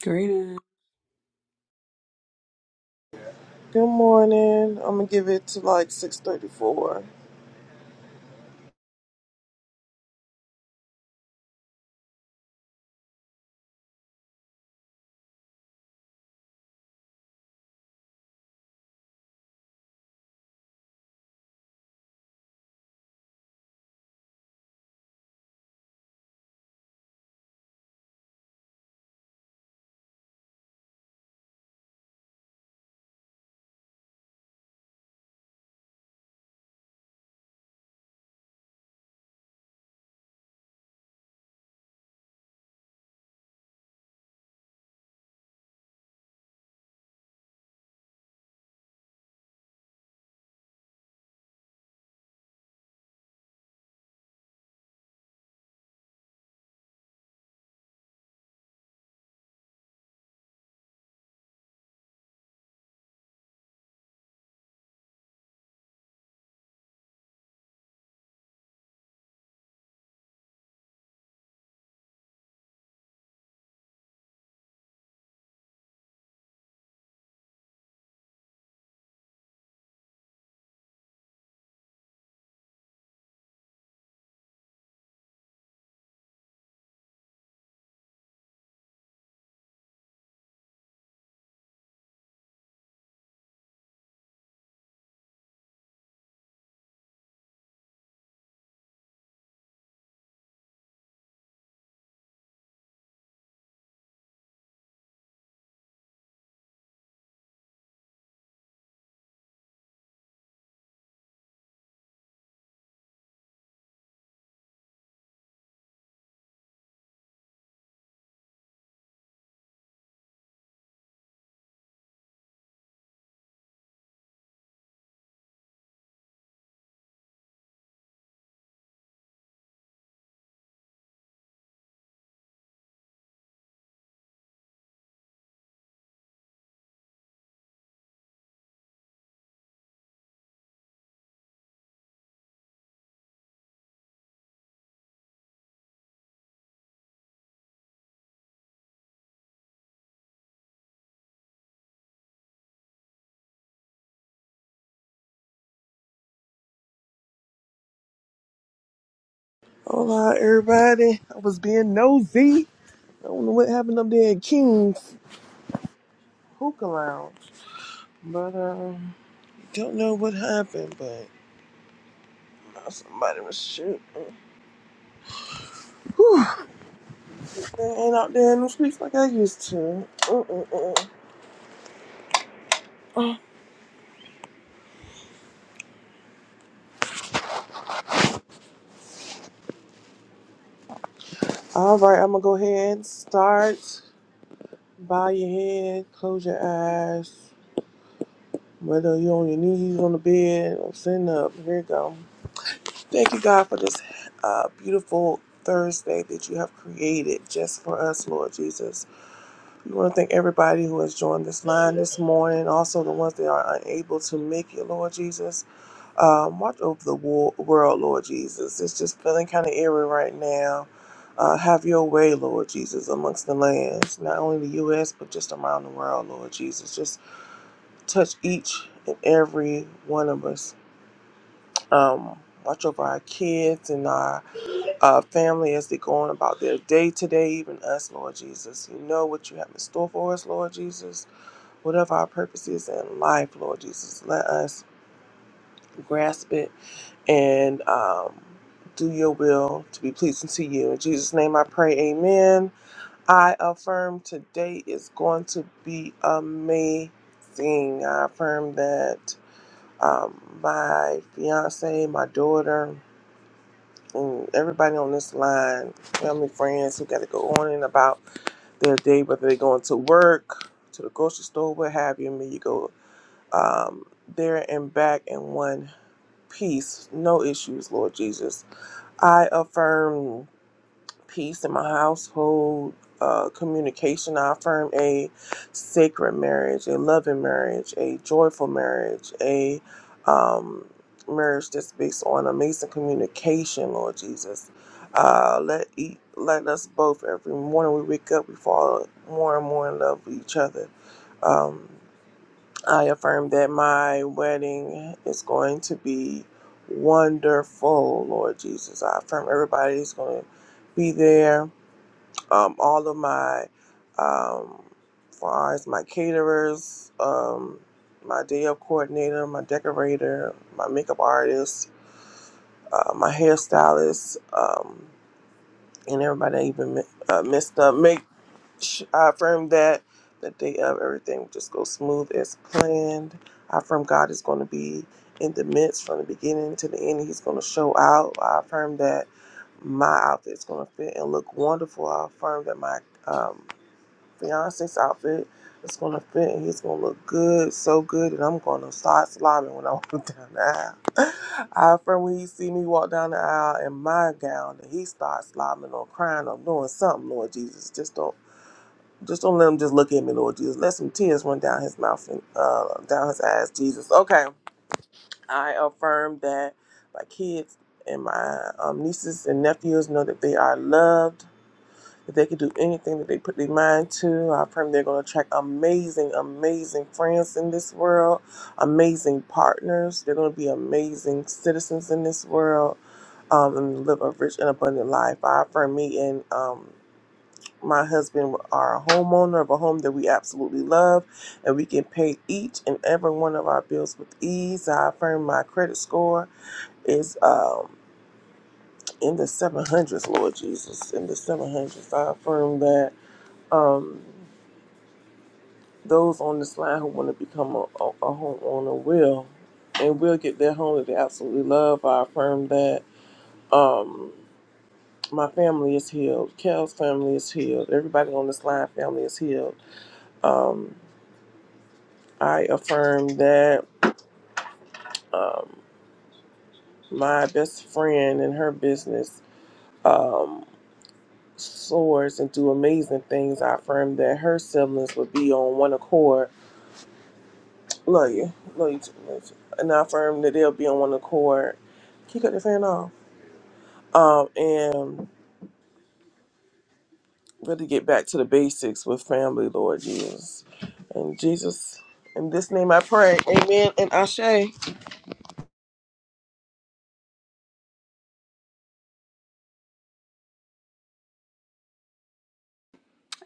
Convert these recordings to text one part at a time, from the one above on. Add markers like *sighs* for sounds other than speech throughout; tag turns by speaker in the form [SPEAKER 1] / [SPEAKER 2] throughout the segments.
[SPEAKER 1] Greetings.
[SPEAKER 2] Good morning. I'm gonna give it to like 6:34. Hola, everybody. I was being nosy. I don't know what happened up there at King's Hookah Lounge, but um, don't know what happened. But uh, somebody was shooting. Whew. They ain't out there in the streets like I used to. Mm-mm-mm. All right, I'm gonna go ahead and start. Bow your head, close your eyes. Whether you're on your knees, on the bed, or sitting up. Here you go. Thank you, God, for this uh, beautiful Thursday that you have created just for us, Lord Jesus. We want to thank everybody who has joined this line this morning, also the ones that are unable to make it, Lord Jesus. Um, watch over the wo- world, Lord Jesus. It's just feeling kind of eerie right now. Uh, have your way, Lord Jesus, amongst the lands, not only the U.S., but just around the world, Lord Jesus. Just touch each and every one of us. Um, watch over our kids and our uh, family as they go on about their day today, even us, Lord Jesus. You know what you have in store for us, Lord Jesus. Whatever our purpose is in life, Lord Jesus, let us grasp it and um, do your will to be pleasing to you. In Jesus' name I pray, amen. I affirm today is going to be amazing. I affirm that um, my fiance, my daughter, and everybody on this line, family, friends who got to go on and about their day, whether they're going to work, to the grocery store, what have you. May you go um, there and back in one piece, no issues, Lord Jesus. I affirm peace in my household, uh, communication. I affirm a sacred marriage, a loving marriage, a joyful marriage, a um, marriage that's based on amazing communication, Lord Jesus. Uh, let eat, let us both every morning we wake up, we fall more and more in love with each other. Um, I affirm that my wedding is going to be wonderful, Lord Jesus. I affirm everybody is going to be there um, all of my um, far as my caterers, um, my day of coordinator, my decorator, my makeup artist, uh, my hairstylist, um, and everybody I even mi- uh, messed up. Make sh- I affirm that the day of everything will just go smooth as planned. I affirm God is going to be in the midst from the beginning to the end. He's going to show out. I affirm that my outfit's going to fit and look wonderful. I affirm that my um, fiance's outfit it's gonna fit and he's gonna look good, so good, and I'm gonna start sliding when I *laughs* walk down the aisle. *laughs* I affirm when he see me walk down the aisle in my gown that he starts slobbing or crying or doing something, Lord Jesus. Just don't just don't let him just look at me, Lord Jesus. Let some tears run down his mouth and uh, down his eyes, Jesus. Okay. I affirm that my kids and my um, nieces and nephews know that they are loved if they can do anything that they put their mind to, I affirm they're going to attract amazing, amazing friends in this world, amazing partners. They're going to be amazing citizens in this world um, and live a rich and abundant life. I affirm me and um, my husband are a homeowner of a home that we absolutely love and we can pay each and every one of our bills with ease. I affirm my credit score is um, in the 700s, Lord Jesus, in the 700s. I affirm that um, those on this line who want to become a, a, a homeowner will, and will get their home that they absolutely love. I affirm that. Um, my family is healed. Kel's family is healed. Everybody on this line family is healed. Um, I affirm that um, my best friend and her business um, soars and do amazing things. I affirm that her siblings will be on one accord Love you. Love you too. Love you too. And I affirm that they'll be on one accord. Can you cut the fan off? Um, and really get back to the basics with family, Lord Jesus. And Jesus, in this name I pray. Amen and Ashe.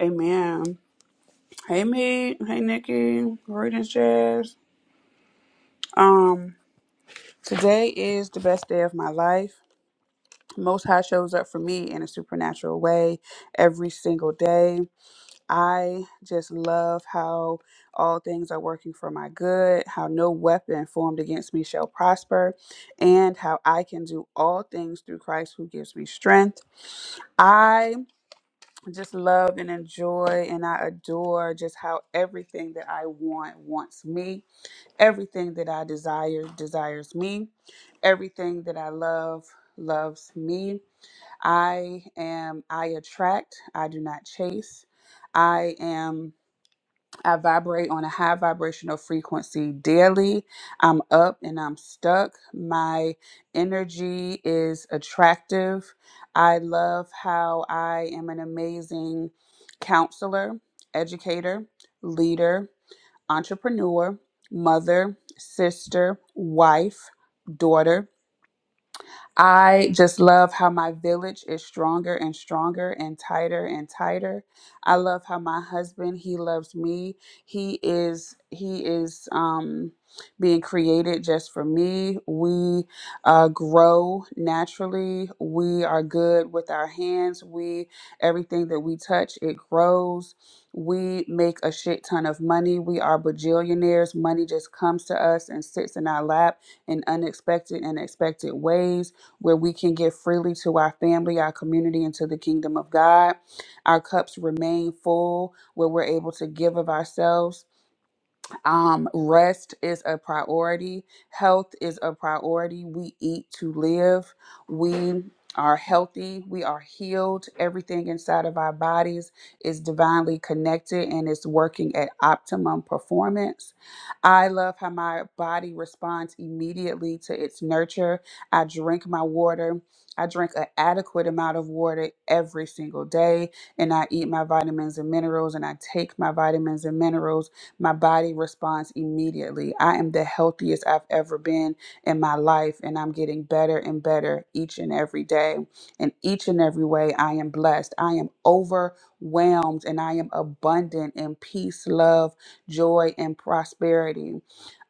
[SPEAKER 1] Amen. Hey me. Hey Nikki. Greetings, Jazz. Um, today is the best day of my life. Most High shows up for me in a supernatural way every single day. I just love how all things are working for my good, how no weapon formed against me shall prosper, and how I can do all things through Christ who gives me strength. I just love and enjoy and I adore just how everything that I want wants me. Everything that I desire desires me. Everything that I love loves me. I am I attract, I do not chase. I am I vibrate on a high vibrational frequency daily. I'm up and I'm stuck. My energy is attractive. I love how I am an amazing counselor, educator, leader, entrepreneur, mother, sister, wife, daughter. I just love how my village is stronger and stronger and tighter and tighter. I love how my husband, he loves me. He is he is um being created just for me. We uh, grow naturally. We are good with our hands. We everything that we touch, it grows. We make a shit ton of money. We are bajillionaires. Money just comes to us and sits in our lap in unexpected and expected ways where we can give freely to our family, our community, and to the kingdom of God. Our cups remain full, where we're able to give of ourselves um, rest is a priority. Health is a priority. We eat to live. We are healthy. We are healed. Everything inside of our bodies is divinely connected and is working at optimum performance. I love how my body responds immediately to its nurture. I drink my water. I drink an adequate amount of water every single day, and I eat my vitamins and minerals, and I take my vitamins and minerals my body responds immediately. I am the healthiest I've ever been in my life, and I'm getting better and better each and every day. In each and every way, I am blessed. I am overwhelmed, and I am abundant in peace, love, joy, and prosperity.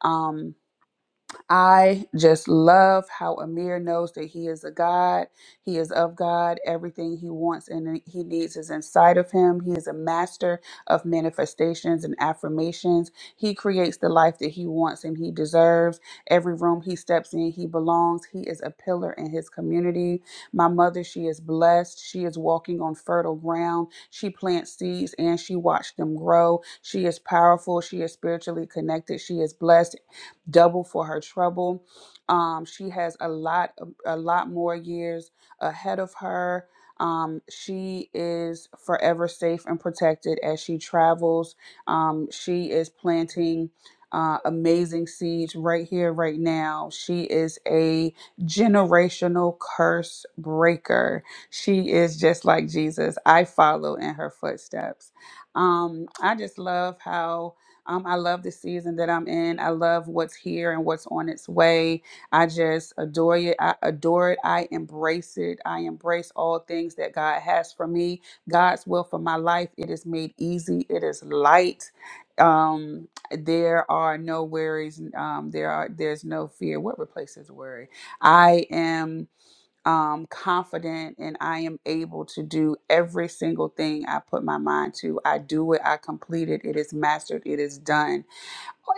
[SPEAKER 1] Um, I just love how Amir knows that he is a God. He is of God. Everything he wants and he needs is inside of him. He is a master of manifestations and affirmations. He creates the life that he wants and he deserves. Every room he steps in, he belongs. He is a pillar in his community. My mother, she is blessed. She is walking on fertile ground. She plants seeds and she watched them grow. She is powerful. She is spiritually connected. She is blessed double for her trouble. Um, she has a lot, a lot more years ahead of her. Um, she is forever safe and protected as she travels. Um, she is planting uh, amazing seeds right here, right now. She is a generational curse breaker. She is just like Jesus. I follow in her footsteps. Um, I just love how um, I love the season that I'm in. I love what's here and what's on its way. I just adore it. I adore it. I embrace it. I embrace all things that God has for me. God's will for my life. It is made easy. It is light. Um, there are no worries. Um, there are there's no fear. What replaces worry? I am um, confident and I am able to do every single thing I put my mind to. I do it, I complete it, it is mastered, it is done.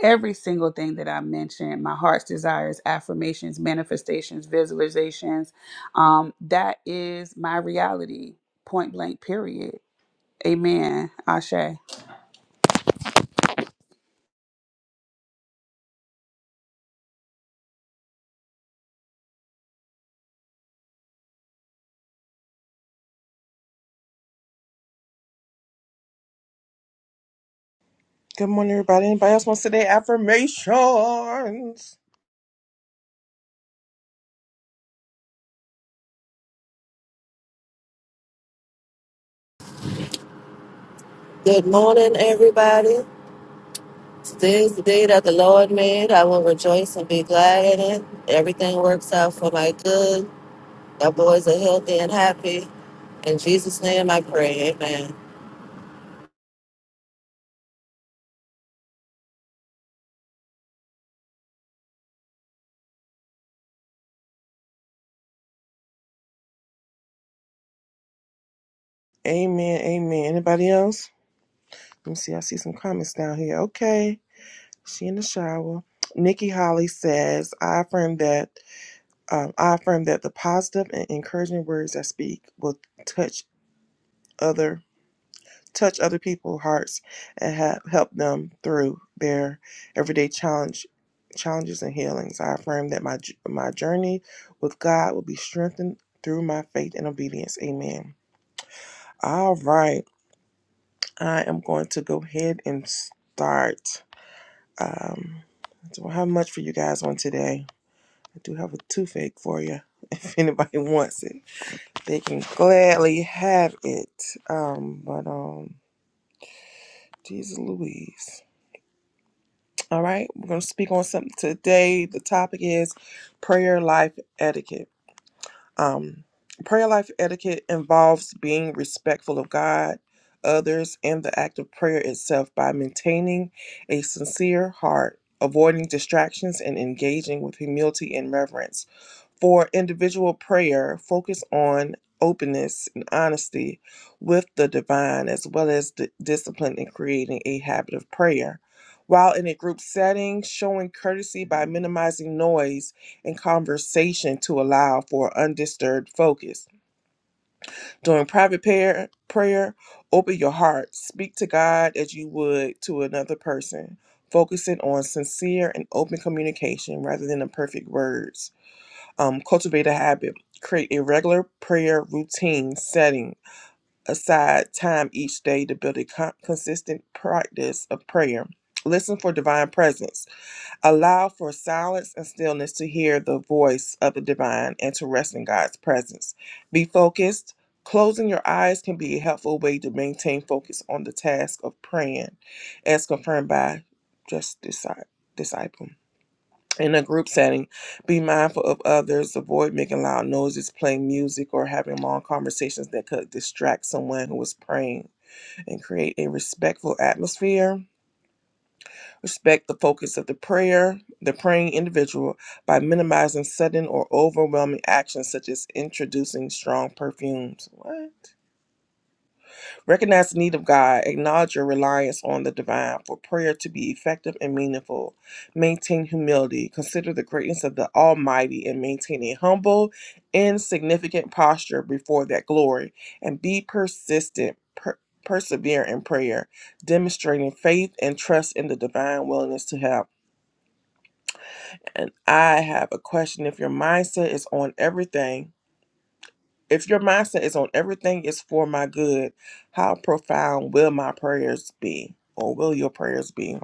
[SPEAKER 1] Every single thing that I mentioned, my heart's desires, affirmations, manifestations, visualizations, um, that is my reality, point blank, period. Amen. Ashe.
[SPEAKER 2] Good morning, everybody. Anybody else want to say their affirmations?
[SPEAKER 3] Good morning, everybody. Today is the day that the Lord made. I will rejoice and be glad in it. Everything works out for my good. Our boys are healthy and happy. In Jesus' name I pray. Amen.
[SPEAKER 2] Amen. Amen. Anybody else? Let me see. I see some comments down here. Okay. She in the shower. Nikki Holly says, I affirm that Um, I affirm that the positive and encouraging words I speak will touch other touch other people's hearts and have, help them through their everyday challenge challenges and healings. I affirm that my j- my journey with God will be strengthened through my faith and obedience. Amen. All right, I am going to go ahead and start. Um, I don't have much for you guys on today. I do have a toothache for you *laughs* if anybody wants it. They can gladly have it. Um, but um, Jesus Louise. All right, we're gonna speak on something today. The topic is prayer life etiquette. Um, prayer life etiquette involves being respectful of God, others, and the act of prayer itself by maintaining a sincere heart, avoiding distractions, and engaging with humility and reverence. For individual prayer, focus on openness and honesty with the divine, as well as d- discipline in creating a habit of prayer. While in a group setting, showing courtesy by minimizing noise and conversation to allow for undisturbed focus. During private prayer, prayer, open your heart, speak to God as you would to another person, focusing on sincere and open communication rather than the perfect words um, cultivate a habit create a regular prayer routine setting aside time each day to build a con- consistent practice of prayer listen for divine presence allow for silence and stillness to hear the voice of the divine and to rest in god's presence be focused closing your eyes can be a helpful way to maintain focus on the task of praying as confirmed by just Disci- disciple in a group setting, be mindful of others, avoid making loud noises, playing music, or having long conversations that could distract someone who is praying, and create a respectful atmosphere. Respect the focus of the prayer, the praying individual, by minimizing sudden or overwhelming actions such as introducing strong perfumes. What? Recognize the need of God, acknowledge your reliance on the divine for prayer to be effective and meaningful. Maintain humility, consider the greatness of the Almighty, and maintain a humble, insignificant posture before that glory, and be persistent. Per- Persevere in prayer, demonstrating faith and trust in the divine willingness to help. And I have a question if your mindset is on everything if your mindset is on everything is for my good, how profound will my prayers be? Or will your prayers be?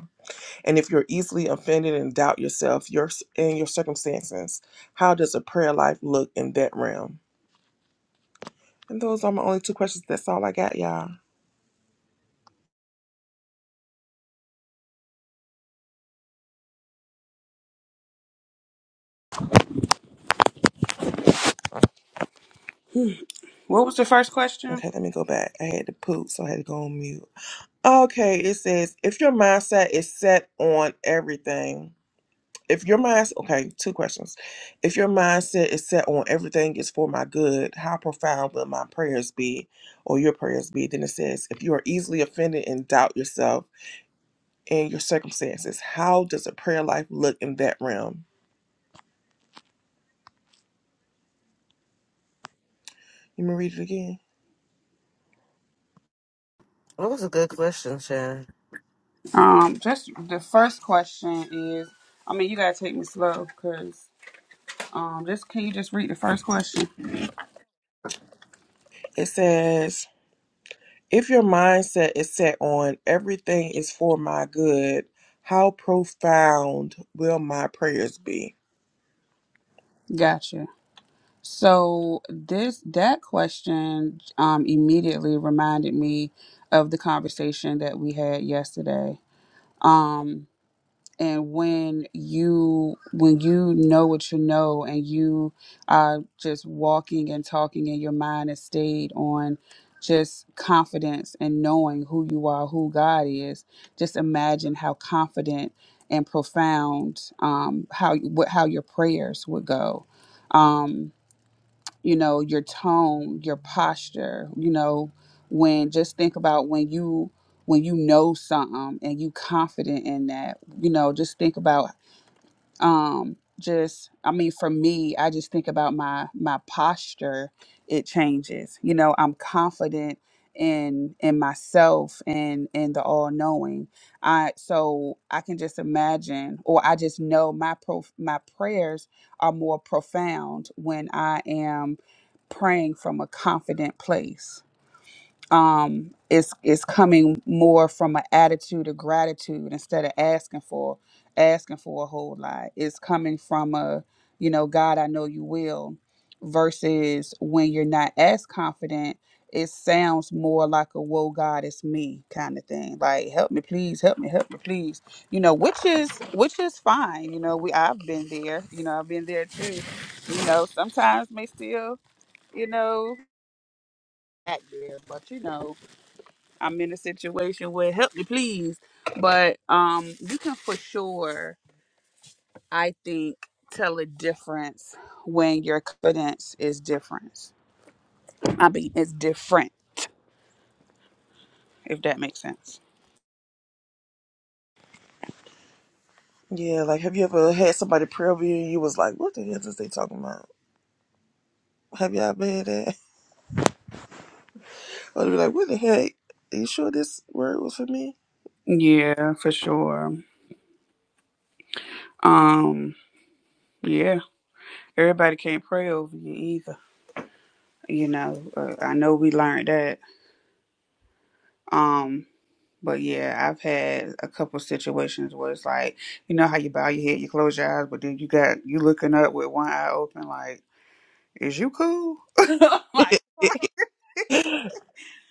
[SPEAKER 2] And if you're easily offended and doubt yourself, your and your circumstances, how does a prayer life look in that realm? And those are my only two questions. That's all I got, y'all.
[SPEAKER 1] What was the first question?
[SPEAKER 2] Okay, let me go back. I had to poop, so I had to go on mute. Okay, it says if your mindset is set on everything. if your mind's okay, two questions. If your mindset is set on everything is for my good, how profound will my prayers be or your prayers be? Then it says, if you are easily offended and doubt yourself and your circumstances, how does a prayer life look in that realm? Let me read it again.
[SPEAKER 3] That was a good question, Shannon.
[SPEAKER 1] Um, just the first question is, I mean, you gotta take me slow, cause um, just can you just read the first question?
[SPEAKER 2] It says, if your mindset is set on everything is for my good, how profound will my prayers be?
[SPEAKER 1] Gotcha. So this that question um, immediately reminded me of the conversation that we had yesterday. Um, and when you when you know what you know, and you are just walking and talking, and your mind is stayed on just confidence and knowing who you are, who God is. Just imagine how confident and profound um, how what how your prayers would go. Um, you know your tone your posture you know when just think about when you when you know something and you confident in that you know just think about um just i mean for me i just think about my my posture it changes you know i'm confident in in myself and in the all knowing i so i can just imagine or i just know my pro my prayers are more profound when i am praying from a confident place. Um, it's it's coming more from an attitude of gratitude instead of asking for asking for a whole lot. It's coming from a you know God, I know you will. Versus when you're not as confident, it sounds more like a "Whoa, God, it's me" kind of thing. Like, help me, please, help me, help me, please. You know, which is which is fine. You know, we I've been there. You know, I've been there too. You know, sometimes may still you know back there, but you know, I'm in a situation where help me please. But um you can for sure, I think, tell a difference when your confidence is different. I mean it's different, if that makes sense.
[SPEAKER 2] Yeah, like have you ever had somebody pray over you and you was like, what the hell is they talking about? Have y'all been at? *laughs* I'd be like, what the heck? Are you sure this word was for me?
[SPEAKER 1] Yeah, for sure. Um, yeah. Everybody can't pray over you either. You know, uh, I know we learned that. Um. But yeah, I've had a couple situations where it's like, you know how you bow your head, you close your eyes, but then you got you looking up with one eye open, like, is you cool? *laughs* like,
[SPEAKER 2] *laughs*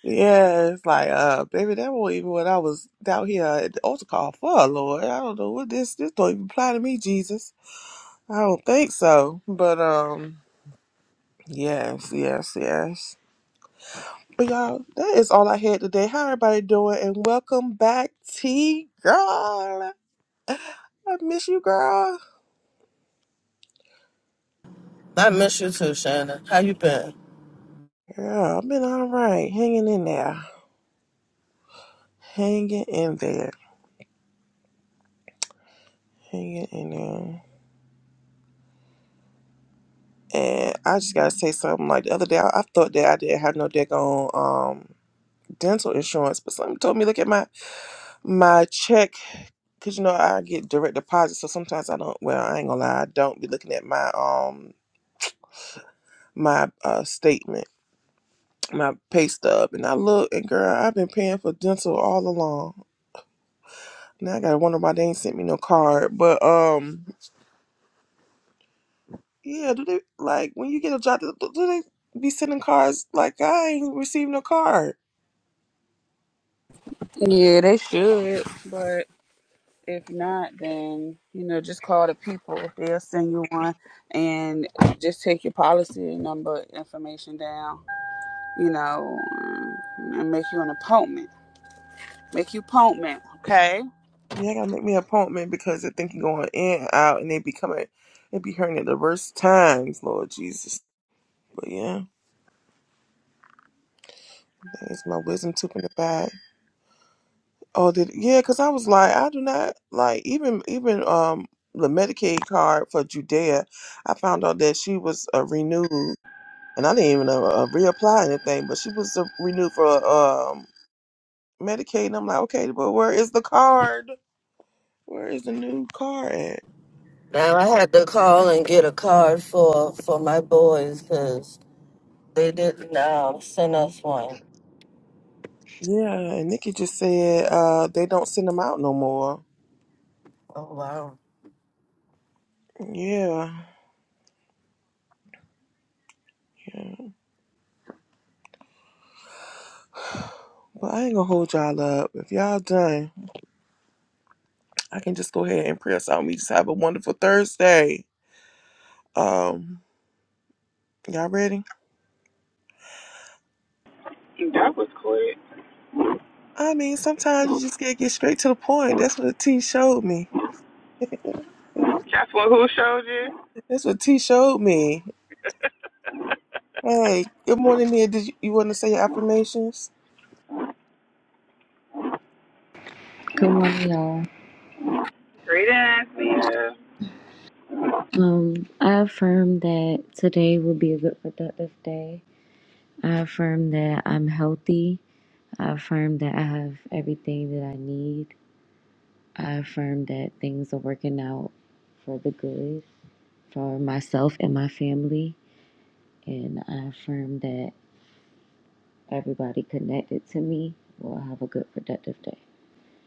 [SPEAKER 2] yeah, it's like, uh, baby, that wasn't even what I was down here at the altar call for, Lord. I don't know what this this don't even apply to me, Jesus. I don't think so. But um yes, yes, yes. But y'all, that is all I had today. How everybody doing? And welcome back, T girl. I miss you, girl.
[SPEAKER 3] I miss you too, Shannon. How you been?
[SPEAKER 2] Girl, I've been all right, hanging in there, hanging in there, hanging in there. And I just gotta say something. Like the other day, I, I thought that I didn't have no dick on um dental insurance, but somebody told me look at my my check because you know I get direct deposit, so sometimes I don't. Well, I ain't gonna lie, I don't be looking at my um my uh statement my pay stub and I look and girl, I've been paying for dental all along. Now I gotta wonder why they ain't sent me no card. But um, yeah, do they like when you get a job? Do, do they be sending cards? Like I ain't receiving no card.
[SPEAKER 1] yeah, they should. But if not, then you know, just call the people. They'll send you one, and just take your policy number information down. You know, and make you an appointment. Make you appointment, okay?
[SPEAKER 2] Yeah, I gotta make me an appointment because they think you're going in and out and they be coming, they be hearing it the worst times. Lord Jesus. But yeah, that's my wisdom tooth in the bag. Oh, did yeah? Because I was like, I do not like even even um the Medicaid card for Judea. I found out that she was uh, renewed, and I didn't even uh, uh, reapply anything, but she was uh, renewed for um Medicaid. And I'm like, okay, but where is the card? Where is the new card at?
[SPEAKER 3] Now I had to call and get a card for for my boys because they didn't um, send us one.
[SPEAKER 2] Yeah, and Nikki just said uh they don't send them out no more.
[SPEAKER 3] Oh wow.
[SPEAKER 2] Yeah, yeah. But I ain't gonna hold y'all up. If y'all done, I can just go ahead and press out. We just have a wonderful Thursday. Um. Y'all ready?
[SPEAKER 1] That was quick.
[SPEAKER 2] I mean, sometimes you just gotta get straight to the point. That's what T showed me.
[SPEAKER 1] That's what who showed you?
[SPEAKER 2] That's what T showed me. Hey, good morning, Nia. Did you, you want to say your affirmations?
[SPEAKER 4] Good morning, y'all.
[SPEAKER 1] Greetings, Yeah.
[SPEAKER 4] Um, I affirm that today will be a good, productive day. I affirm that I'm healthy. I affirm that I have everything that I need. I affirm that things are working out for the good for myself and my family. And I affirm that everybody connected to me will have a good, productive day.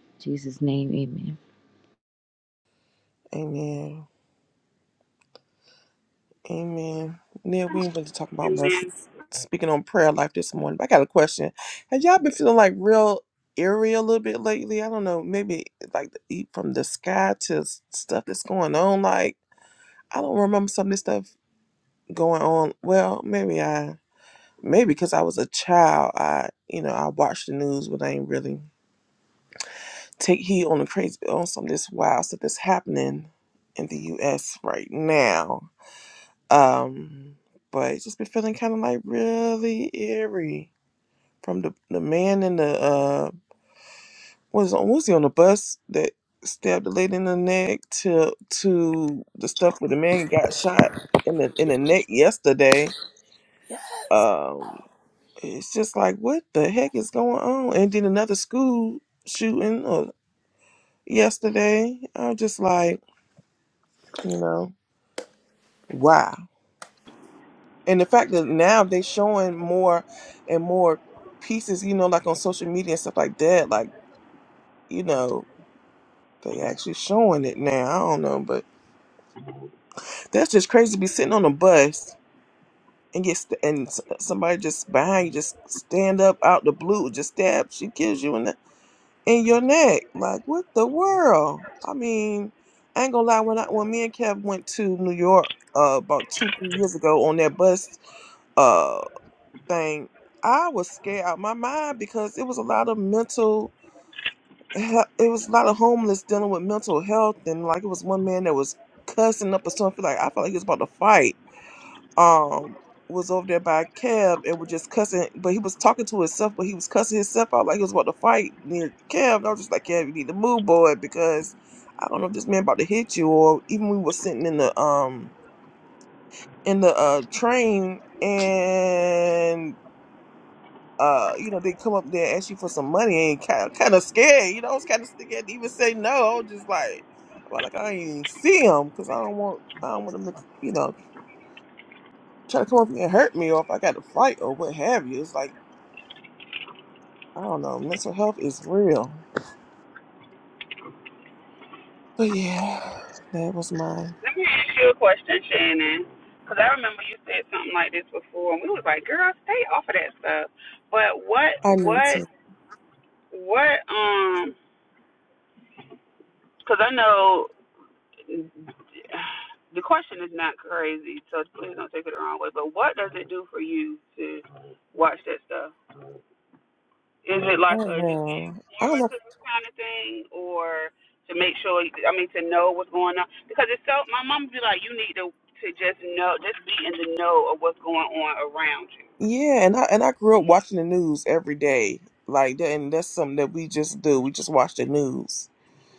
[SPEAKER 4] In Jesus' name, amen.
[SPEAKER 2] Amen. Amen. Nia, we ain't really talking about much.
[SPEAKER 1] Amen.
[SPEAKER 2] Speaking on prayer life this morning, but I got a question. Have y'all been feeling like real eerie a little bit lately? I don't know. Maybe like the, e, from the sky to s- stuff that's going on. Like I don't remember some of this stuff going on. Well, maybe I. Maybe because I was a child, I you know I watched the news, but I ain't really take heed on the crazy on some of this wild stuff that's happening in the U.S. right now. Um, but it's just been feeling kind of like really eerie from the the man in the uh was on was he on the bus that stabbed the lady in the neck to to the stuff where the man got shot in the in the neck yesterday. Um, it's just like what the heck is going on and then another school shooting or yesterday i'm just like you know wow and the fact that now they showing more and more pieces you know like on social media and stuff like that like you know they actually showing it now i don't know but that's just crazy to be sitting on a bus and get st- and s- somebody just behind you just stand up out the blue just stabs she kills you and in your neck. Like, what the world? I mean, I ain't gonna lie. When I when me and Kev went to New York uh, about two three years ago on that bus uh thing, I was scared out my mind because it was a lot of mental. he- It was a lot of homeless dealing with mental health, and like it was one man that was cussing up or something. like I felt like he was about to fight um was over there by Kev and was just cussing, but he was talking to himself, but he was cussing himself out like he was about to fight near Kev. And I was just like, Kev, you need to move, boy, because I don't know if this man about to hit you, or even we were sitting in the um in the uh train and uh you know they come up there and ask you for some money and kind of, kind of scared, you know, I was kind of scared to even say no. I was just like, well, like I ain't even see him because I don't want I don't want him to, you know. try to come up and hurt me or if I got to fight or what have you. It's like, I don't know, mental health is real. But yeah, that was my
[SPEAKER 1] Let me ask you a question, Shannon. Because I remember you said something like this before, and we was like, "Girl, stay off of that stuff." But what,
[SPEAKER 2] I need
[SPEAKER 1] what,
[SPEAKER 2] to
[SPEAKER 1] what? Um, because I know the question is not crazy, so please don't take it the wrong way. But what does it do for you to watch that stuff? Is it
[SPEAKER 2] I
[SPEAKER 1] like
[SPEAKER 2] don't
[SPEAKER 1] a just
[SPEAKER 2] know. I don't
[SPEAKER 1] warmer
[SPEAKER 2] know
[SPEAKER 1] to this kind of thing, or to make sure? I mean, to know what's going on because it's so. My mom would be like, you need to to just know, just be in the know of what's going on around you.
[SPEAKER 2] yeah, and I and I grew up watching the news every day. Like that and that's something that we just do. We just watch the news.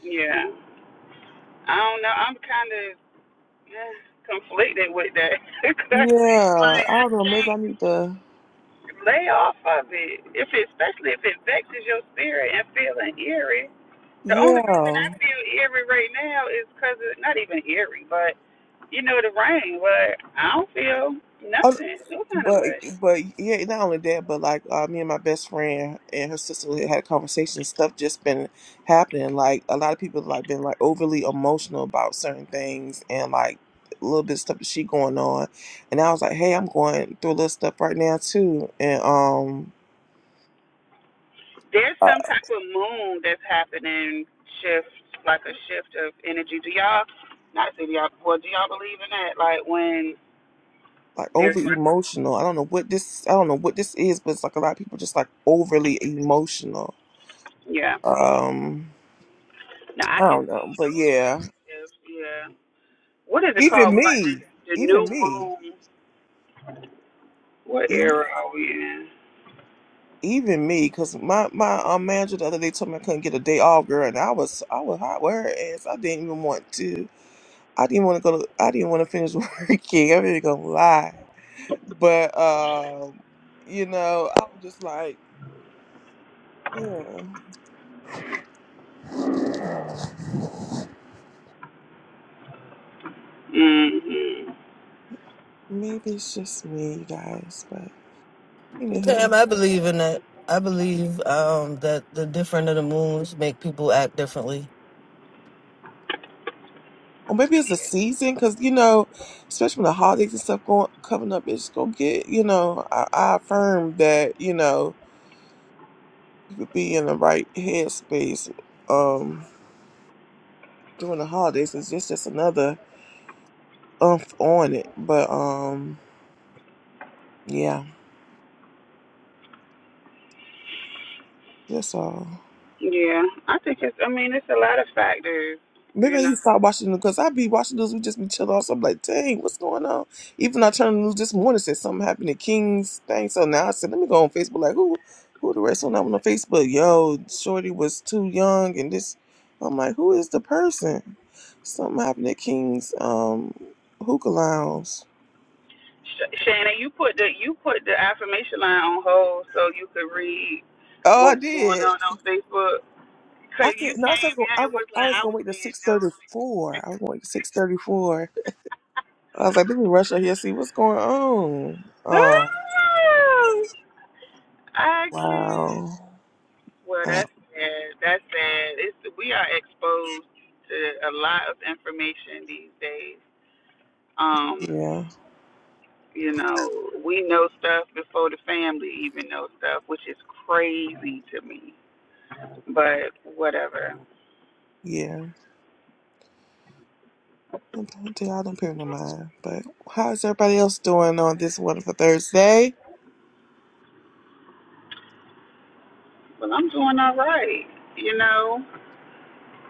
[SPEAKER 1] Yeah, I don't know. I'm kind of eh, conflicted with that *laughs* because it's
[SPEAKER 2] Yeah.
[SPEAKER 1] like
[SPEAKER 2] I
[SPEAKER 1] I
[SPEAKER 2] don't know, maybe
[SPEAKER 1] can't
[SPEAKER 2] I need to
[SPEAKER 1] lay off of it. If it, especially if it vexes your spirit and feeling eerie. The only reason
[SPEAKER 2] yeah.
[SPEAKER 1] I feel eerie right now is because of not even eerie, but. you know, the rain, but I don't feel nothing, no kind of
[SPEAKER 2] But
[SPEAKER 1] way.
[SPEAKER 2] but yeah, not only that, but like uh, me and my best friend and her sister had a conversation. Stuff just been happening. Like a lot of people like been like overly emotional about certain things and like a little bit of stuff that she going on. And I was like, hey, I'm going through a little stuff right now too. And um,
[SPEAKER 1] There's
[SPEAKER 2] uh,
[SPEAKER 1] some type of moon that's happening, shift, like a shift of energy. Do y'all, not say do y'all, well, do y'all believe in that? Like when
[SPEAKER 2] like
[SPEAKER 1] there's
[SPEAKER 2] over
[SPEAKER 1] like a,
[SPEAKER 2] emotional. I don't know what this. I don't know what this is, but it's like a lot of people just like overly emotional.
[SPEAKER 1] yeah.
[SPEAKER 2] Um,
[SPEAKER 1] No, I
[SPEAKER 2] I
[SPEAKER 1] can
[SPEAKER 2] don't know,
[SPEAKER 1] feel
[SPEAKER 2] but
[SPEAKER 1] those
[SPEAKER 2] yeah,
[SPEAKER 1] types of shifts, yeah. What is it called?
[SPEAKER 2] even
[SPEAKER 1] like
[SPEAKER 2] me,
[SPEAKER 1] the, the
[SPEAKER 2] even
[SPEAKER 1] new
[SPEAKER 2] me.
[SPEAKER 1] moon, what
[SPEAKER 2] e
[SPEAKER 1] era are we in?
[SPEAKER 2] even me, because my my um, manager the other day told me I couldn't get a day off, girl, and I was I was hot with her ass. I didn't even want to. I didn't want to go. To, I didn't want to finish *laughs* working. I'm not gonna lie, but um, you know, I was just like, yeah,
[SPEAKER 1] mm hmm
[SPEAKER 2] maybe it's just me, you guys, but
[SPEAKER 3] Tam,
[SPEAKER 2] anywho,
[SPEAKER 3] I believe in that. I believe um, that the different of the moons make people act differently.
[SPEAKER 2] or maybe it's the season, because you know, especially when the holidays and stuff going coming up, it's gonna get. You know, I, I affirm that you know you could be in the right headspace. Um during the holidays because it's just another umph on it. But um, yeah, that's all.
[SPEAKER 1] Yeah, I think it's, I mean, it's a lot of factors, You know.
[SPEAKER 2] Maybe I need to start watching the news, because I be watching those. We just be chill off. So I'm like, dang, what's going on? Even I turned the news this morning, said something happened to King's thing. So now I said, let me go on Facebook. Like, who, who the rest on that one on Facebook? Yo, Shorty was too young, and this. I'm like, who is the person? Something happened at King's um hookah lounge.
[SPEAKER 1] Sh- Shannon, you put the you put the affirmation line on hold so you could read
[SPEAKER 2] Oh, I
[SPEAKER 1] what was going
[SPEAKER 2] did.
[SPEAKER 1] on on Facebook.
[SPEAKER 2] I
[SPEAKER 1] Cause
[SPEAKER 2] could
[SPEAKER 1] you
[SPEAKER 2] no, I was
[SPEAKER 1] came
[SPEAKER 2] gonna
[SPEAKER 1] in
[SPEAKER 2] I,
[SPEAKER 1] and
[SPEAKER 2] wa-
[SPEAKER 1] was
[SPEAKER 2] I
[SPEAKER 1] like,
[SPEAKER 2] was
[SPEAKER 1] I
[SPEAKER 2] gonna
[SPEAKER 1] was
[SPEAKER 2] wait till
[SPEAKER 1] being
[SPEAKER 2] six thirty
[SPEAKER 1] nosy.
[SPEAKER 2] four. I was gonna wait till six thirty four. I was like, let me rush out here and see what's going on. Oh
[SPEAKER 1] Oh, I can't.
[SPEAKER 2] wow.
[SPEAKER 1] Well,
[SPEAKER 2] Uh,
[SPEAKER 1] that's sad. That's sad. It's we are exposed to a lot of information these days. Um,
[SPEAKER 2] yeah,
[SPEAKER 1] you know, we know stuff before the family even know stuff, which is crazy to me. But whatever.
[SPEAKER 2] yeah. Okay, I don't pay no mind. But how is everybody else doing on this wonderful Thursday?
[SPEAKER 1] Well, I'm doing all right. You know.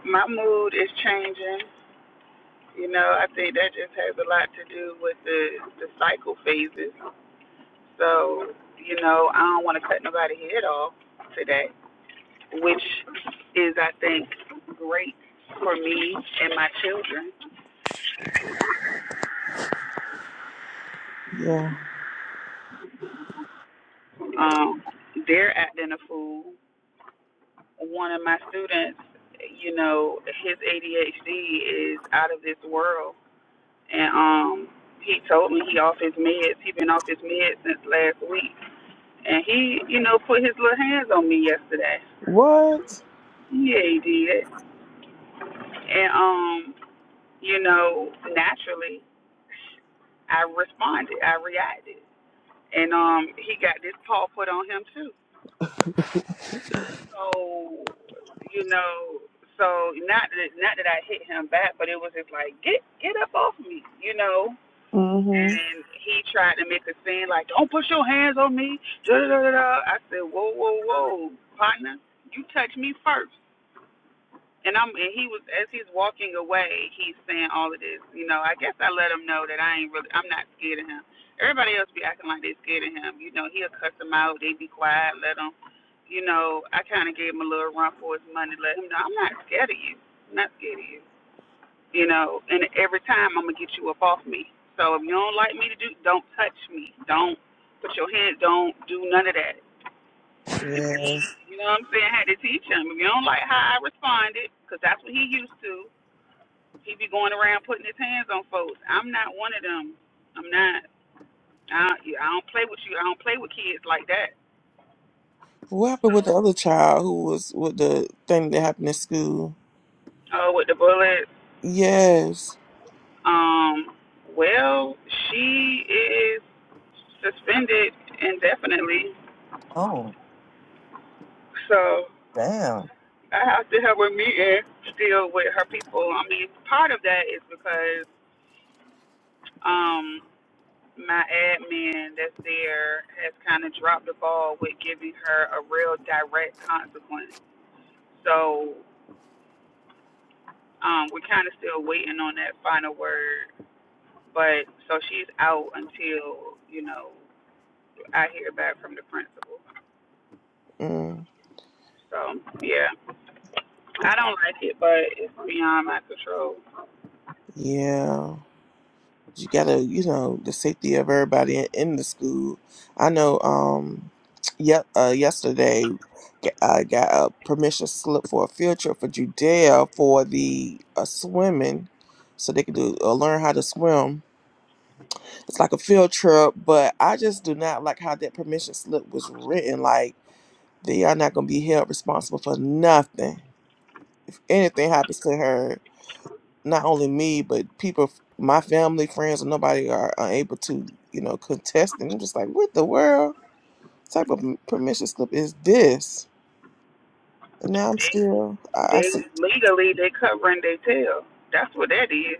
[SPEAKER 1] my mood is changing. You know, I think that just has a lot to do with the the cycle phases. So, you know, I don't want to cut nobody's head off today, which is, I think, great for me and my children.
[SPEAKER 2] Yeah.
[SPEAKER 1] Um, they're acting a fool. One of my students, you know, his ADHD is out of this world, and um, he told me he off his meds. He been off his meds since last week and he, you know, put his little hands on me yesterday.
[SPEAKER 2] What?
[SPEAKER 1] Yeah, he did. And um, you know, naturally, I responded, I reacted, and um, he got this paw put on him too. So, you know, so not that not that I hit him back, but it was just like get get up off me, you know.
[SPEAKER 2] Mm-hmm.
[SPEAKER 1] And he tried to make a scene like, don't put your hands on me. Da da da da. I said, whoa whoa whoa, partner, you touch me first. And I'm and he was as he's walking away, he's saying all of this. You know, I guess I let him know that I ain't really I'm not scared of him. Everybody else be acting like they scared of him. You know, he'll cuss them out, they be quiet, let him. You know, I kind of gave him a little run for his money, let him know I'm not scared of you. I'm not scared of you. You know, and every time I'm gonna get you up off me. So if you don't like me to do, don't touch me. Don't put your hands. Don't do none of that. If
[SPEAKER 2] Yeah.
[SPEAKER 1] he, you know what I'm saying, I had to teach him. If you don't like how I responded, because that's what he used to he be going around putting his hands on folks. I'm not one of them. I'm not. I, I don't play with you. I don't play with kids like that.
[SPEAKER 2] What happened with the
[SPEAKER 1] So,
[SPEAKER 2] other child who was with the thing that happened in school?
[SPEAKER 1] uh, with the bullets,
[SPEAKER 2] Yes.
[SPEAKER 1] um, well, she is suspended indefinitely.
[SPEAKER 3] Oh,
[SPEAKER 1] So
[SPEAKER 3] damn.
[SPEAKER 1] I have to have a meeting still with her people. I mean, part of that is because um my admin that's there has kind of dropped the ball with giving her a real direct consequence. So Um, we're kind of still waiting on that final word, but so she's out until you know I hear back from the principal.
[SPEAKER 2] Mm.
[SPEAKER 1] So yeah, I don't like it, but it's beyond my control.
[SPEAKER 2] Yeah. You gotta, you know, the safety of everybody in, in the school. I know. Um, yep. Uh, yesterday, g- I got a permission slip for a field trip for Judea for the uh, swimming, so they could do uh, learn how to swim. It's like a field trip, but I just do not like how that permission slip was written. Like they are not gonna be held responsible for nothing. anything happens to her not only me, but people, my family, friends, and nobody are unable to, you know, contest. And I'm just like, what the world type of permission slip is this? And now I'm
[SPEAKER 1] They
[SPEAKER 2] still, I, I see.
[SPEAKER 1] they legally they covering their tail. That's what that is.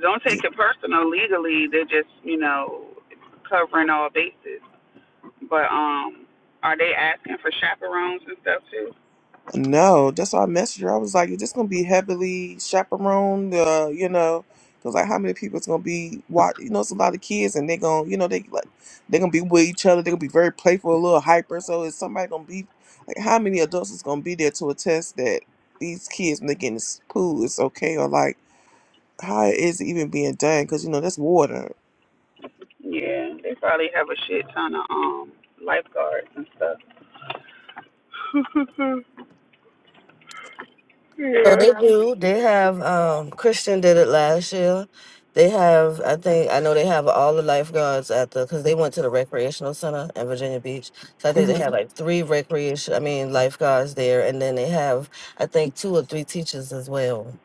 [SPEAKER 1] Don't take it personal. Legally, they're just you know covering all bases. But um, are they asking for chaperones and stuff too?
[SPEAKER 2] No, that's why I messaged her. I was like, "Is this gonna be heavily chaperoned?" Uh, you know, because like, how many people is gonna be watch? You know, it's a lot of kids, and they're gonna, you know, they like they're gonna be with each other. They're gonna be very playful, a little hyper. So is somebody gonna be like, how many adults is gonna be there to attest that these kids when they get in the s- pool is okay, or like how it is even being done? Because you know that's water.
[SPEAKER 1] Yeah, they probably have a shit ton of um lifeguards and stuff. *laughs*
[SPEAKER 3] So
[SPEAKER 1] yeah.
[SPEAKER 3] they do. They have um, Christian did it last year. They have, I think, I know they have all the lifeguards at the because they went to the recreational center in Virginia Beach. So I think
[SPEAKER 2] hmm
[SPEAKER 3] they have like three recreation, I mean, lifeguards there, and then they have, I think, two or three teachers as well.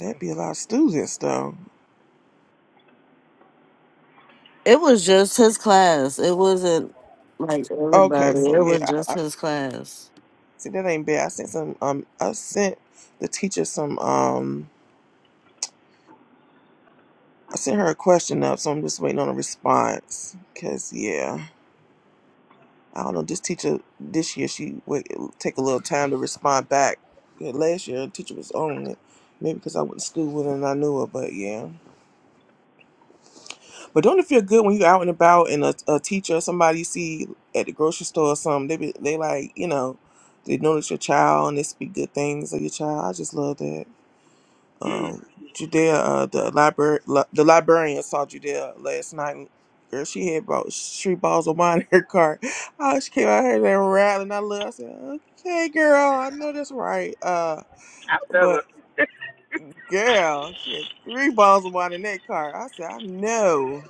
[SPEAKER 2] That'd be a lot of students, though.
[SPEAKER 3] It was just his class. It wasn't like
[SPEAKER 2] Okay,
[SPEAKER 3] everybody.
[SPEAKER 2] so
[SPEAKER 3] It was
[SPEAKER 2] yeah,
[SPEAKER 3] just
[SPEAKER 2] I, I
[SPEAKER 3] his class.
[SPEAKER 2] see that ain't bad. I sent some. Um, I sent the teacher some. Um, I sent her a question up, so I'm just waiting on a response. Cause yeah, I don't know. This teacher this year she would take a little time to respond back. Yeah, Last year, the teacher was on it, maybe because I went to school with her and I knew her. But yeah. But don't it feel good when you out and about and a, a teacher or somebody you see at the grocery store or something, they be, they like, you know, they notice your child and they speak good things of your child. I just love that.
[SPEAKER 1] Mm,
[SPEAKER 2] Um, Judea, uh, the library, li- the librarian saw Judea last night. and, Girl, she had about three bottles of wine in her car. Oh, she came out here and rattled. and I looked. I said, okay, girl, I know that's right. Uh,
[SPEAKER 1] I feel it.
[SPEAKER 2] Girl, she had three bottles of wine in that car. I said, I know.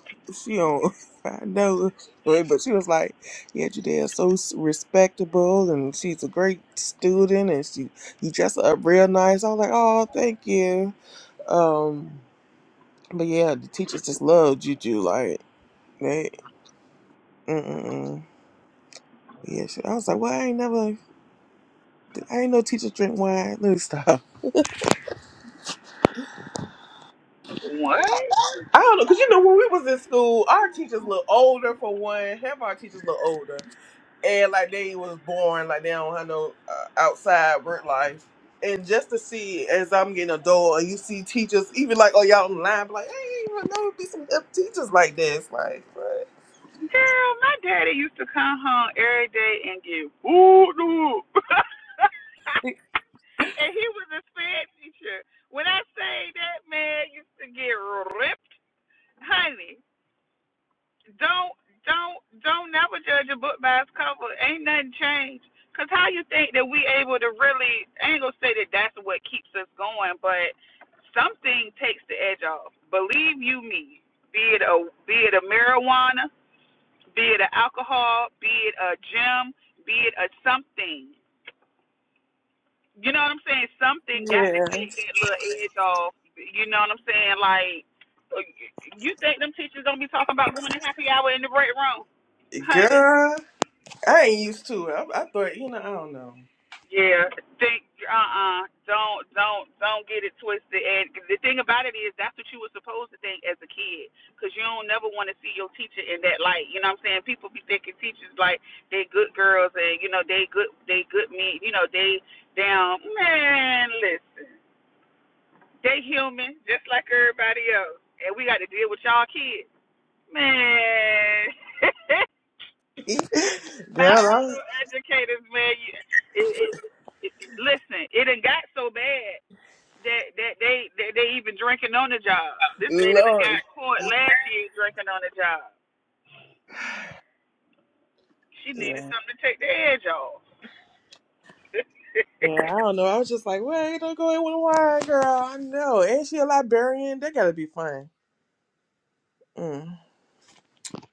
[SPEAKER 2] She don't, *laughs* I know. But she was like, yeah, your dad's so s- respectable and she's a great student and she, you dress her up real nice. I was like, oh, thank you. Um, but yeah, the teachers just love Juju. Like, they, mm-mm. Yeah, she, I was like, well, I ain't never, I ain't no teacher drink wine. Let me stop.
[SPEAKER 1] What?
[SPEAKER 2] I don't know, cause you know when we was in school, our teachers look older for one. Half our teachers look older. and like they was born like they don't have no uh, outside work life. And just to see as I'm getting adult, and you see teachers even like oh y'all online, be like hey, you know be some good teachers like this, like but
[SPEAKER 1] Girl, my daddy used to come home every day and get wooed up. *laughs* and he was a sped teacher. When I say that man used to get ripped, honey. don't don't don't never judge a book by its cover. Ain't nothing changed. Cause how you think that we able to really? I ain't gonna say that that's what keeps us going, but something takes the edge off. Believe you me. Be it a be it a marijuana, be it a alcohol, be it a gym, be it a something. You know what I'm saying? Something got to
[SPEAKER 2] Yeah.
[SPEAKER 1] take that little edge off. You know what I'm saying? Like, you think them teachers don't be talking about going to happy hour in the break room, honey?
[SPEAKER 2] girl, I ain't used to it. I, I thought you know I don't know,
[SPEAKER 1] Yeah, think uh uh do don't don't don't get it twisted. And the thing about it is, that's what you were supposed to think as a kid, because you don't never want to see your teacher in that light. You know what I'm saying? People be thinking teachers like they good girls and you know they good they good men. You know they down man. Listen, they human just like everybody else, and we got to deal with y'all kids, man. *laughs*
[SPEAKER 2] *laughs*
[SPEAKER 1] My
[SPEAKER 2] girl,
[SPEAKER 1] fellow educators, man, you, it, it, it, listen, it done got so bad. They they they they, they even drinking on the job.
[SPEAKER 2] I,
[SPEAKER 1] This lady that
[SPEAKER 2] Lord.
[SPEAKER 1] got caught last year drinking on the job. She needed
[SPEAKER 2] Yeah.
[SPEAKER 1] something to take the edge off.
[SPEAKER 2] Yeah, I don't know. I was just like, wait, don't go in with a wine, girl. I know. ain't she a librarian. That gotta be fun. Mm,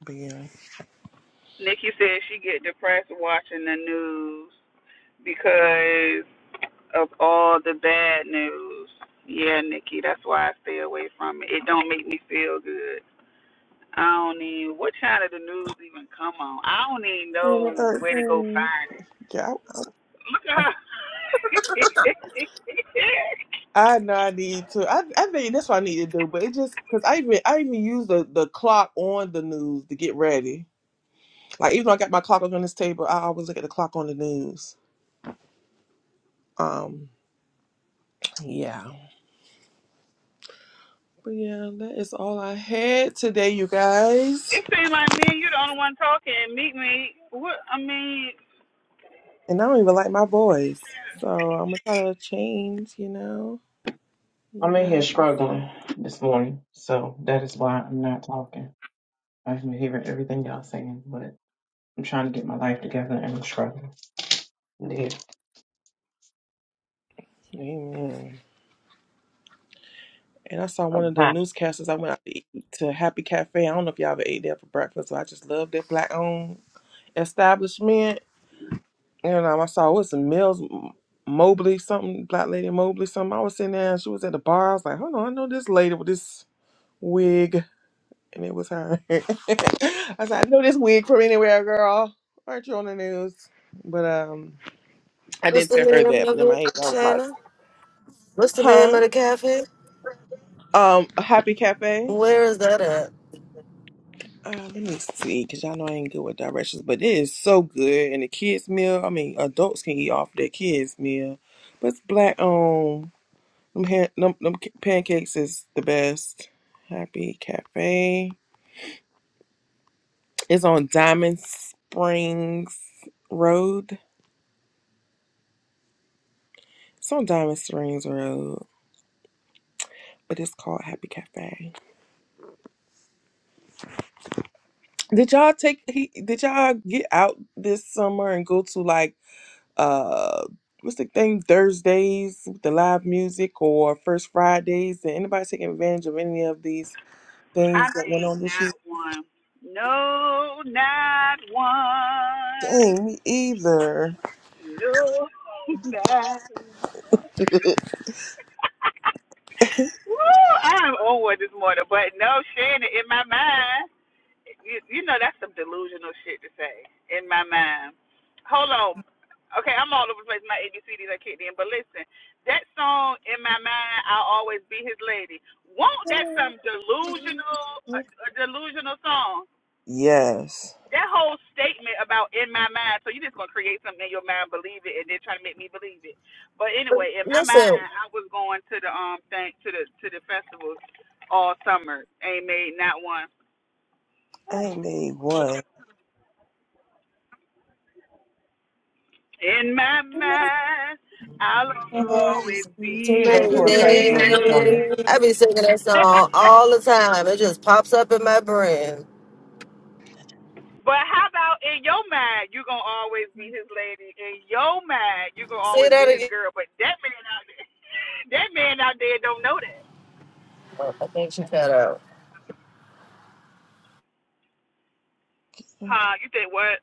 [SPEAKER 2] but yeah.
[SPEAKER 1] Nikki said she get depressed watching the news because of all the bad news. Yeah, Nikki, that's why I stay away from it. It don't make me feel good. I don't even what channel the news even come on. I don't even
[SPEAKER 2] Ten to
[SPEAKER 1] know where to go
[SPEAKER 2] 13.
[SPEAKER 1] find it.
[SPEAKER 2] Yeah,
[SPEAKER 1] Look at her. *laughs*
[SPEAKER 2] I, I know I need to. I, I think that's what I need to do. But it just because I even I even use the the clock on the news to get ready. Like even though I got my clock up on this table, I always look at the clock on the news. Um, yeah. But yeah, that is all I had today, you guys.
[SPEAKER 1] It seems like me and you the only one talking. Meet me. What I mean,
[SPEAKER 2] And I don't even like my voice, so I'm gonna try to change. You know, you
[SPEAKER 5] I'm in here
[SPEAKER 2] guys.
[SPEAKER 5] struggling this morning, so that is why I'm not talking. I've been hearing everything y'all saying, but I'm trying to get my life together and I'm struggling. Yeah.
[SPEAKER 2] Amen. And I saw one
[SPEAKER 5] I'm
[SPEAKER 2] of the
[SPEAKER 5] hot.
[SPEAKER 2] newscasters. I went out to eat to Happy Cafe. I don't know if y'all ever ate there for breakfast, but I just love that black owned. establishment, and um, I saw what's the Mills Mobley something, Black Lady Mobley something. I was sitting there, and she was at the bar. I was like, hold on, I know this lady with this wig, and it was her. *laughs* I said, I know this wig from anywhere, girl. Aren't you on the news? But um, I
[SPEAKER 3] What's
[SPEAKER 2] didn't
[SPEAKER 3] the
[SPEAKER 2] tell her
[SPEAKER 3] name
[SPEAKER 2] that. But
[SPEAKER 3] of
[SPEAKER 2] in my
[SPEAKER 3] it,
[SPEAKER 2] head, I was like,
[SPEAKER 3] Shannon? What's the name
[SPEAKER 2] huh?
[SPEAKER 3] of the cafe?
[SPEAKER 2] Um, Happy Cafe.
[SPEAKER 3] Where is that at?
[SPEAKER 2] Uh, let me see, cause y'all know I ain't good with directions, but it is so good. And the kids meal, I mean, adults can eat off their kids meal, but it's black owned Them, ha- them, them ca- pancakes is the best. Happy Cafe. It's on Diamond Springs Road. It's on Diamond Springs Road, but it's called Happy Cafe. Did y'all take? He, did y'all get out this summer and go to like uh what's the thing Thursdays with the live music or First Fridays? Did anybody take advantage of any of these things
[SPEAKER 1] I
[SPEAKER 2] that went
[SPEAKER 1] made
[SPEAKER 2] on this
[SPEAKER 1] not
[SPEAKER 2] year?
[SPEAKER 1] one. No, not one.
[SPEAKER 2] Dang, me either.
[SPEAKER 1] No, *laughs* not. one. Woo! I am over this morning, but no Shannon in my mind. you, you know that's some delusional shit to say in my mind. Hold on. Okay, I'm all over the place. My ABCDs are kicked in, but listen, that song in my mind, "I'll always be his lady." Won't that some delusional,
[SPEAKER 2] *laughs*
[SPEAKER 1] a, a delusional song?
[SPEAKER 2] Yes.
[SPEAKER 1] That whole statement about "in my mind," so you are just gonna create something in your mind, believe it, and then try to make me believe it. But anyway, in my
[SPEAKER 3] Listen,
[SPEAKER 1] mind, I was going to the um thing to the to the festivals all summer. Ain't made not one.
[SPEAKER 2] I made one.
[SPEAKER 1] In my mind, I'll
[SPEAKER 5] Yeah.
[SPEAKER 2] And
[SPEAKER 1] always be
[SPEAKER 5] Here you go to
[SPEAKER 1] his
[SPEAKER 5] a
[SPEAKER 3] baby,
[SPEAKER 5] festival this
[SPEAKER 1] lady.
[SPEAKER 5] summer.
[SPEAKER 3] I be singing that
[SPEAKER 1] *laughs*
[SPEAKER 3] song all the time. It just pops up in my brain.
[SPEAKER 1] but how about in your mind, you're going to always be his lady. In your mind, you're going to
[SPEAKER 3] Say
[SPEAKER 1] always
[SPEAKER 3] that
[SPEAKER 1] be his
[SPEAKER 3] again.
[SPEAKER 1] girl. But that man out there, *laughs* that man out there don't know that.
[SPEAKER 3] Oh, I think she cut out.
[SPEAKER 1] Huh? You think what?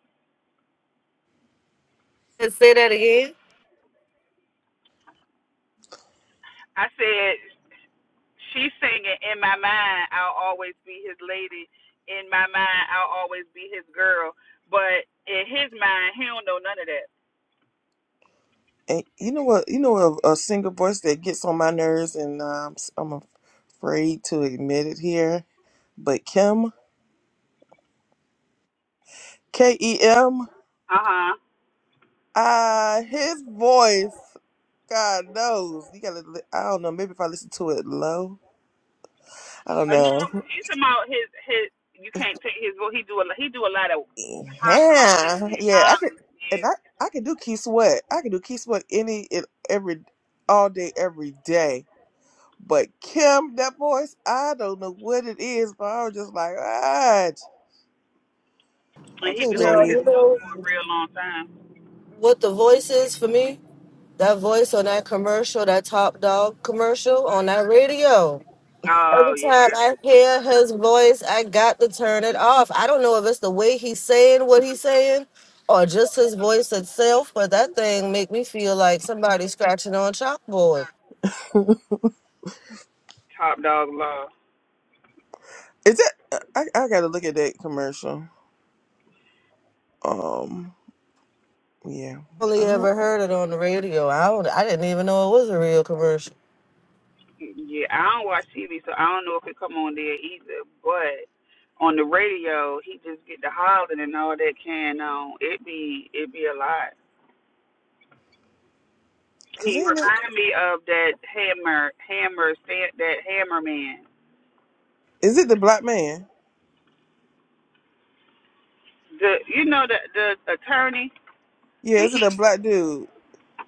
[SPEAKER 3] Say that again.
[SPEAKER 1] I said, she's singing, in my mind, I'll always be his lady. In my mind, I'll always be his girl. But in his mind, he don't know none of that.
[SPEAKER 2] you know what? You know a, a single voice that gets on my nerves, and um, s- I'm afraid to admit it here. But Kim, K E M,
[SPEAKER 1] Uh-huh.
[SPEAKER 2] ah, his voice. God knows. You gotta. li- I don't know. Maybe if I listen to it low. I don't
[SPEAKER 1] Uh, no,
[SPEAKER 2] know.
[SPEAKER 1] he's about his his. You can't take his vote. He do a he do a lot of hot
[SPEAKER 2] Yeah,
[SPEAKER 1] crying and
[SPEAKER 2] yeah, I could,
[SPEAKER 1] hollering,
[SPEAKER 2] and
[SPEAKER 1] yeah.
[SPEAKER 2] I, I could do Key Sweat. I could do Key Sweat any and every, all day, every day. But Kim, that voice, I don't know what it is, but I was just like, ah,
[SPEAKER 1] And he
[SPEAKER 2] okay,
[SPEAKER 1] be holding
[SPEAKER 3] No,
[SPEAKER 2] babe.
[SPEAKER 1] his
[SPEAKER 3] you
[SPEAKER 1] note
[SPEAKER 3] know
[SPEAKER 1] for a real long time.
[SPEAKER 3] what the voice is for me? That voice on that commercial, that Top Dog commercial on that radio. Every
[SPEAKER 1] Oh
[SPEAKER 3] time
[SPEAKER 1] yeah,
[SPEAKER 3] I hear his voice, I got to turn it off. I don't know if it's the way he's saying what he's saying or just his voice itself, but that thing make me feel like somebody scratching on chalkboard.
[SPEAKER 1] top dog law.
[SPEAKER 2] Is that? I, I gotta look at that commercial. Um, yeah,
[SPEAKER 3] Only
[SPEAKER 2] I don't,
[SPEAKER 3] ever heard it on the radio. I don't, I didn't even know it was a real commercial.
[SPEAKER 1] Yeah, I don't watch TV, so I don't know if it come on there either. But on the radio, he just get the hollering and all that can on. It be it be a lot.
[SPEAKER 2] cause
[SPEAKER 1] He
[SPEAKER 2] ain't no.
[SPEAKER 1] reminded me of that hammer hammer that hammer man.
[SPEAKER 2] Is it the black man?
[SPEAKER 1] The you know the the attorney
[SPEAKER 2] Yeah,
[SPEAKER 1] and
[SPEAKER 2] is it
[SPEAKER 1] he
[SPEAKER 2] the black dude,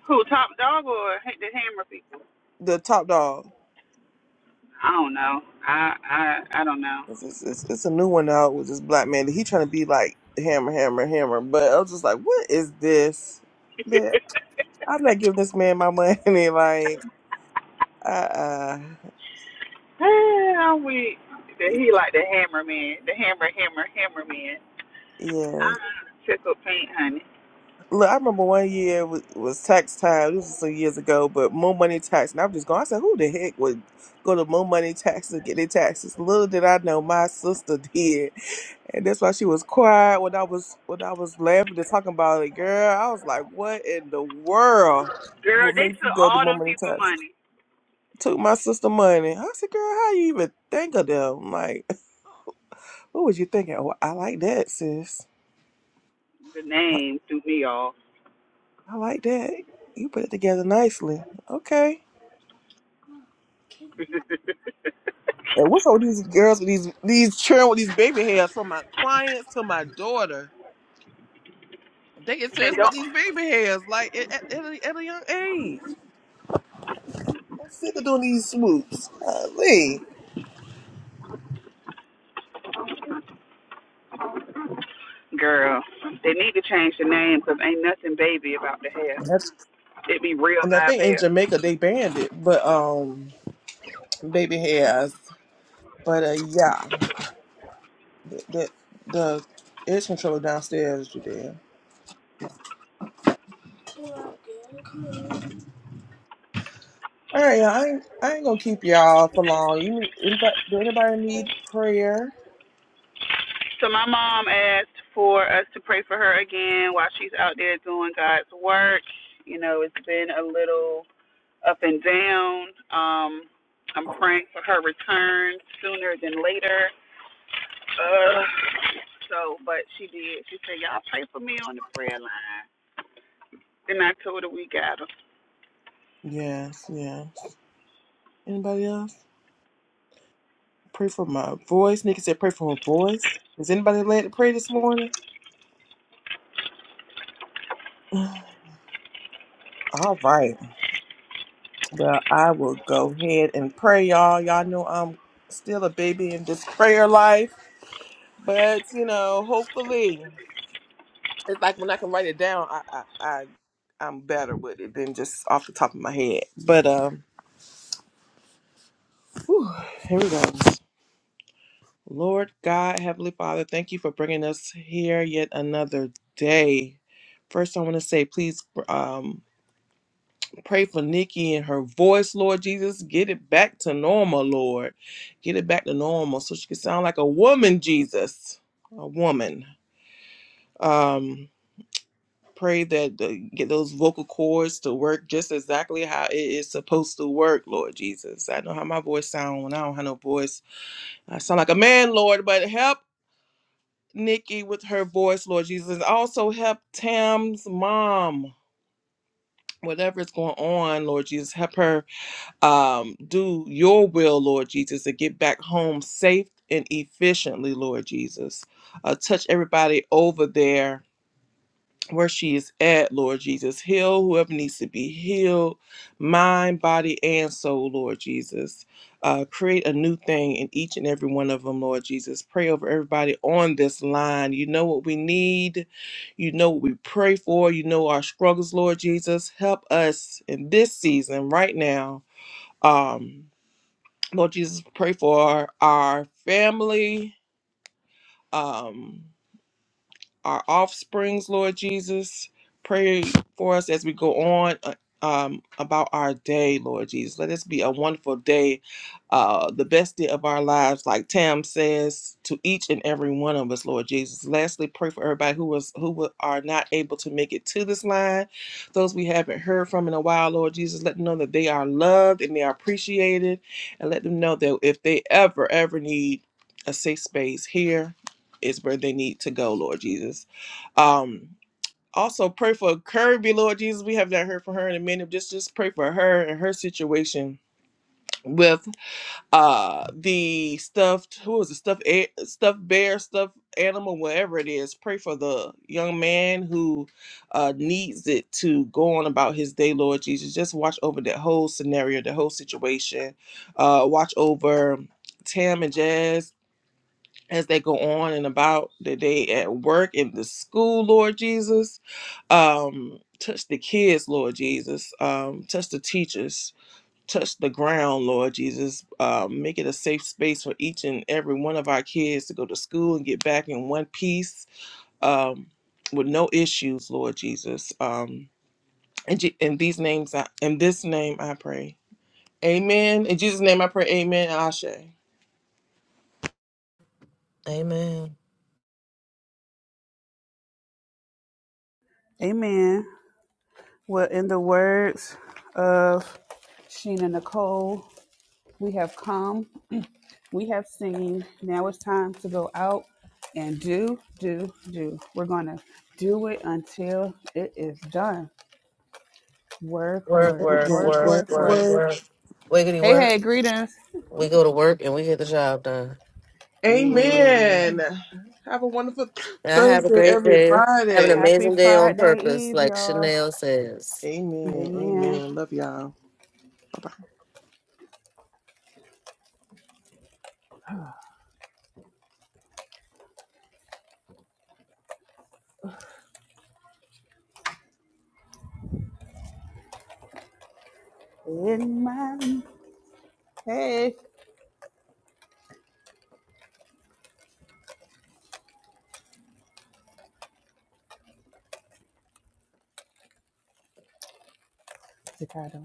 [SPEAKER 1] Who top dog or ha- the hammer people?
[SPEAKER 2] the top dog?
[SPEAKER 1] I don't know. I I I don't know.
[SPEAKER 2] It's,
[SPEAKER 1] *laughs*
[SPEAKER 2] it's, it's it's a new one out with this black man. He trying to be like hammer, hammer, hammer. But I was just like, what is this? Man, I'm not giving this man my money. *laughs* like, uh, uh
[SPEAKER 1] I'm weak. That he like the hammer man, the hammer hammer hammer man.
[SPEAKER 2] yeah.
[SPEAKER 1] I tickle paint, honey.
[SPEAKER 2] Look, I remember one year was, was tax time. This was some years ago, but Mo money tax, and I'm just going. I said, "Who the heck would go to Mo money tax to get their taxes?" Little did I know, my sister *laughs* did, and that's why she was quiet when I was when I was laughing and talking about it. Girl, I was like, "What in the world
[SPEAKER 1] Girl,
[SPEAKER 2] will
[SPEAKER 1] they
[SPEAKER 2] make you
[SPEAKER 1] took
[SPEAKER 2] go to
[SPEAKER 1] all
[SPEAKER 2] Mo
[SPEAKER 1] them
[SPEAKER 2] money
[SPEAKER 1] people
[SPEAKER 2] tax?"
[SPEAKER 1] money.
[SPEAKER 2] Took my sister money. I said, "Girl, how you even think of them?" like, *laughs* what was you thinking? Oh, I like that, sis.
[SPEAKER 1] The
[SPEAKER 2] I,
[SPEAKER 1] name threw me off.
[SPEAKER 2] I like that. You put it together nicely. Okay.
[SPEAKER 1] *laughs* and
[SPEAKER 2] And what's up with these girls with these these children with these baby hairs? From my clients to my daughter, they get serious about
[SPEAKER 1] don't,
[SPEAKER 2] these baby hairs like at, at, at a, at a young age. I'm sick of doing these swoops. Golly.
[SPEAKER 1] girl, they need to change the name because ain't nothing baby about the hair.
[SPEAKER 2] And That's
[SPEAKER 1] It be real
[SPEAKER 2] and I
[SPEAKER 1] live
[SPEAKER 2] think
[SPEAKER 1] hair.
[SPEAKER 2] in Jamaica they banned it, but um, baby hairs. But uh, yeah, the the, the edge controller downstairs, Judea. All right, y'all, I ain't, I ain't gonna keep y'all for long. You need- anybody? Do anybody need prayer?
[SPEAKER 1] So my mom asked for us to pray for her again while she's out there doing God's work. You know, it's been a little up and down. Um, I'm praying for her return sooner than later. Uh, so, but she did. She said, "Y'all pray for me on the prayer line." Then I told her we got her.
[SPEAKER 2] Yes, yes. Anybody else? Pray for my voice. Nikki said, pray for her voice. Is anybody led to pray this morning? *sighs* All right. Well, I will go ahead and pray, y'all. Y'all know I'm still a baby in this prayer life, but you know, hopefully, it's like when I can write it down, I, I, I I'm better with it than just off the top of my head. But um, whew, here we go. Lord God, Heavenly Father, thank you for bringing us here yet another day. First, I want to say, please, um, Pray for Nikki and her voice, Lord Jesus. Get it back to normal, Lord. Get it back to normal so she can sound like a woman, Jesus. A woman. Um, pray that the, get those vocal cords to work just exactly how it is supposed to work, Lord Jesus. I know how my voice sounds when I don't have no voice. I sound like a man, Lord, but help Nikki with her voice, Lord Jesus. And Also help Tam's mom. Whatever is going on, Lord Jesus, help her um, do your will, Lord Jesus, to get back home safe and efficiently, Lord Jesus. Uh, touch everybody over there where she is at, Lord Jesus. Heal whoever needs to be healed, mind, body, and soul, Lord Jesus. Uh, create a new thing in each and every one of them, Lord Jesus. Pray over everybody on this line. You know what we need. You know what we pray for. You know our struggles, Lord Jesus. Help us in this season right now. Um, Lord Jesus, pray for our family. Um, our offsprings, Lord Jesus. Pray for us as we go on uh, um, about our day, Lord Jesus. Let this be a wonderful day, uh, the best day of our lives, like Tam says to each and every one of us, Lord Jesus. Lastly, pray for everybody who was who wa- are not able to make it to this line, those we haven't heard from in a while, Lord Jesus. Let them know that they are loved and they are appreciated, and let them know that if they ever ever need a safe space here is where they need to go, Lord Jesus. Um, also pray for Kirby, Lord Jesus. We have not heard from her in a minute. Just just pray for her and her situation with uh the stuffed who is it stuffed a- stuffed bear stuffed animal whatever it is pray for the young man who uh needs it to go on about his day lord jesus just watch over that whole scenario the whole situation uh watch over tam and jazz as they go on and about the day at work in the school, Lord Jesus. Um, touch the kids, Lord Jesus. Um, touch the teachers. Touch the ground, Lord Jesus. Um, make it a safe space for each and every one of our kids to go to school and get back in one piece um, with no issues, Lord Jesus. Um, and Je- in these names, I, in this name, I pray. Amen. In Jesus' name, I pray. Amen. and Ashe.
[SPEAKER 3] Amen.
[SPEAKER 1] Amen. Well, in the words of Sheena Nicole, we have come. we have seen now it's time to go out and do do do we're gonna do it until it is done work
[SPEAKER 3] Work,
[SPEAKER 1] work
[SPEAKER 2] Word,
[SPEAKER 3] work,
[SPEAKER 2] word,
[SPEAKER 1] work
[SPEAKER 3] work,
[SPEAKER 2] word,
[SPEAKER 1] work
[SPEAKER 3] work,
[SPEAKER 1] work
[SPEAKER 2] word.
[SPEAKER 3] work. Wiggity
[SPEAKER 1] hey
[SPEAKER 3] work.
[SPEAKER 1] hey greetings
[SPEAKER 3] We go to work and we get the job done. And
[SPEAKER 1] Eh,
[SPEAKER 2] Amen. Have a wonderful
[SPEAKER 3] I have a
[SPEAKER 2] Thursday,
[SPEAKER 3] great day. Have an
[SPEAKER 2] everybody.
[SPEAKER 1] happy
[SPEAKER 3] amazing day on
[SPEAKER 1] friday
[SPEAKER 3] purpose,
[SPEAKER 1] eve
[SPEAKER 3] like
[SPEAKER 1] y'all
[SPEAKER 3] Chanel says.
[SPEAKER 2] Amen.
[SPEAKER 1] amen
[SPEAKER 2] Amen. Love y'all.
[SPEAKER 1] in my hey Staccato.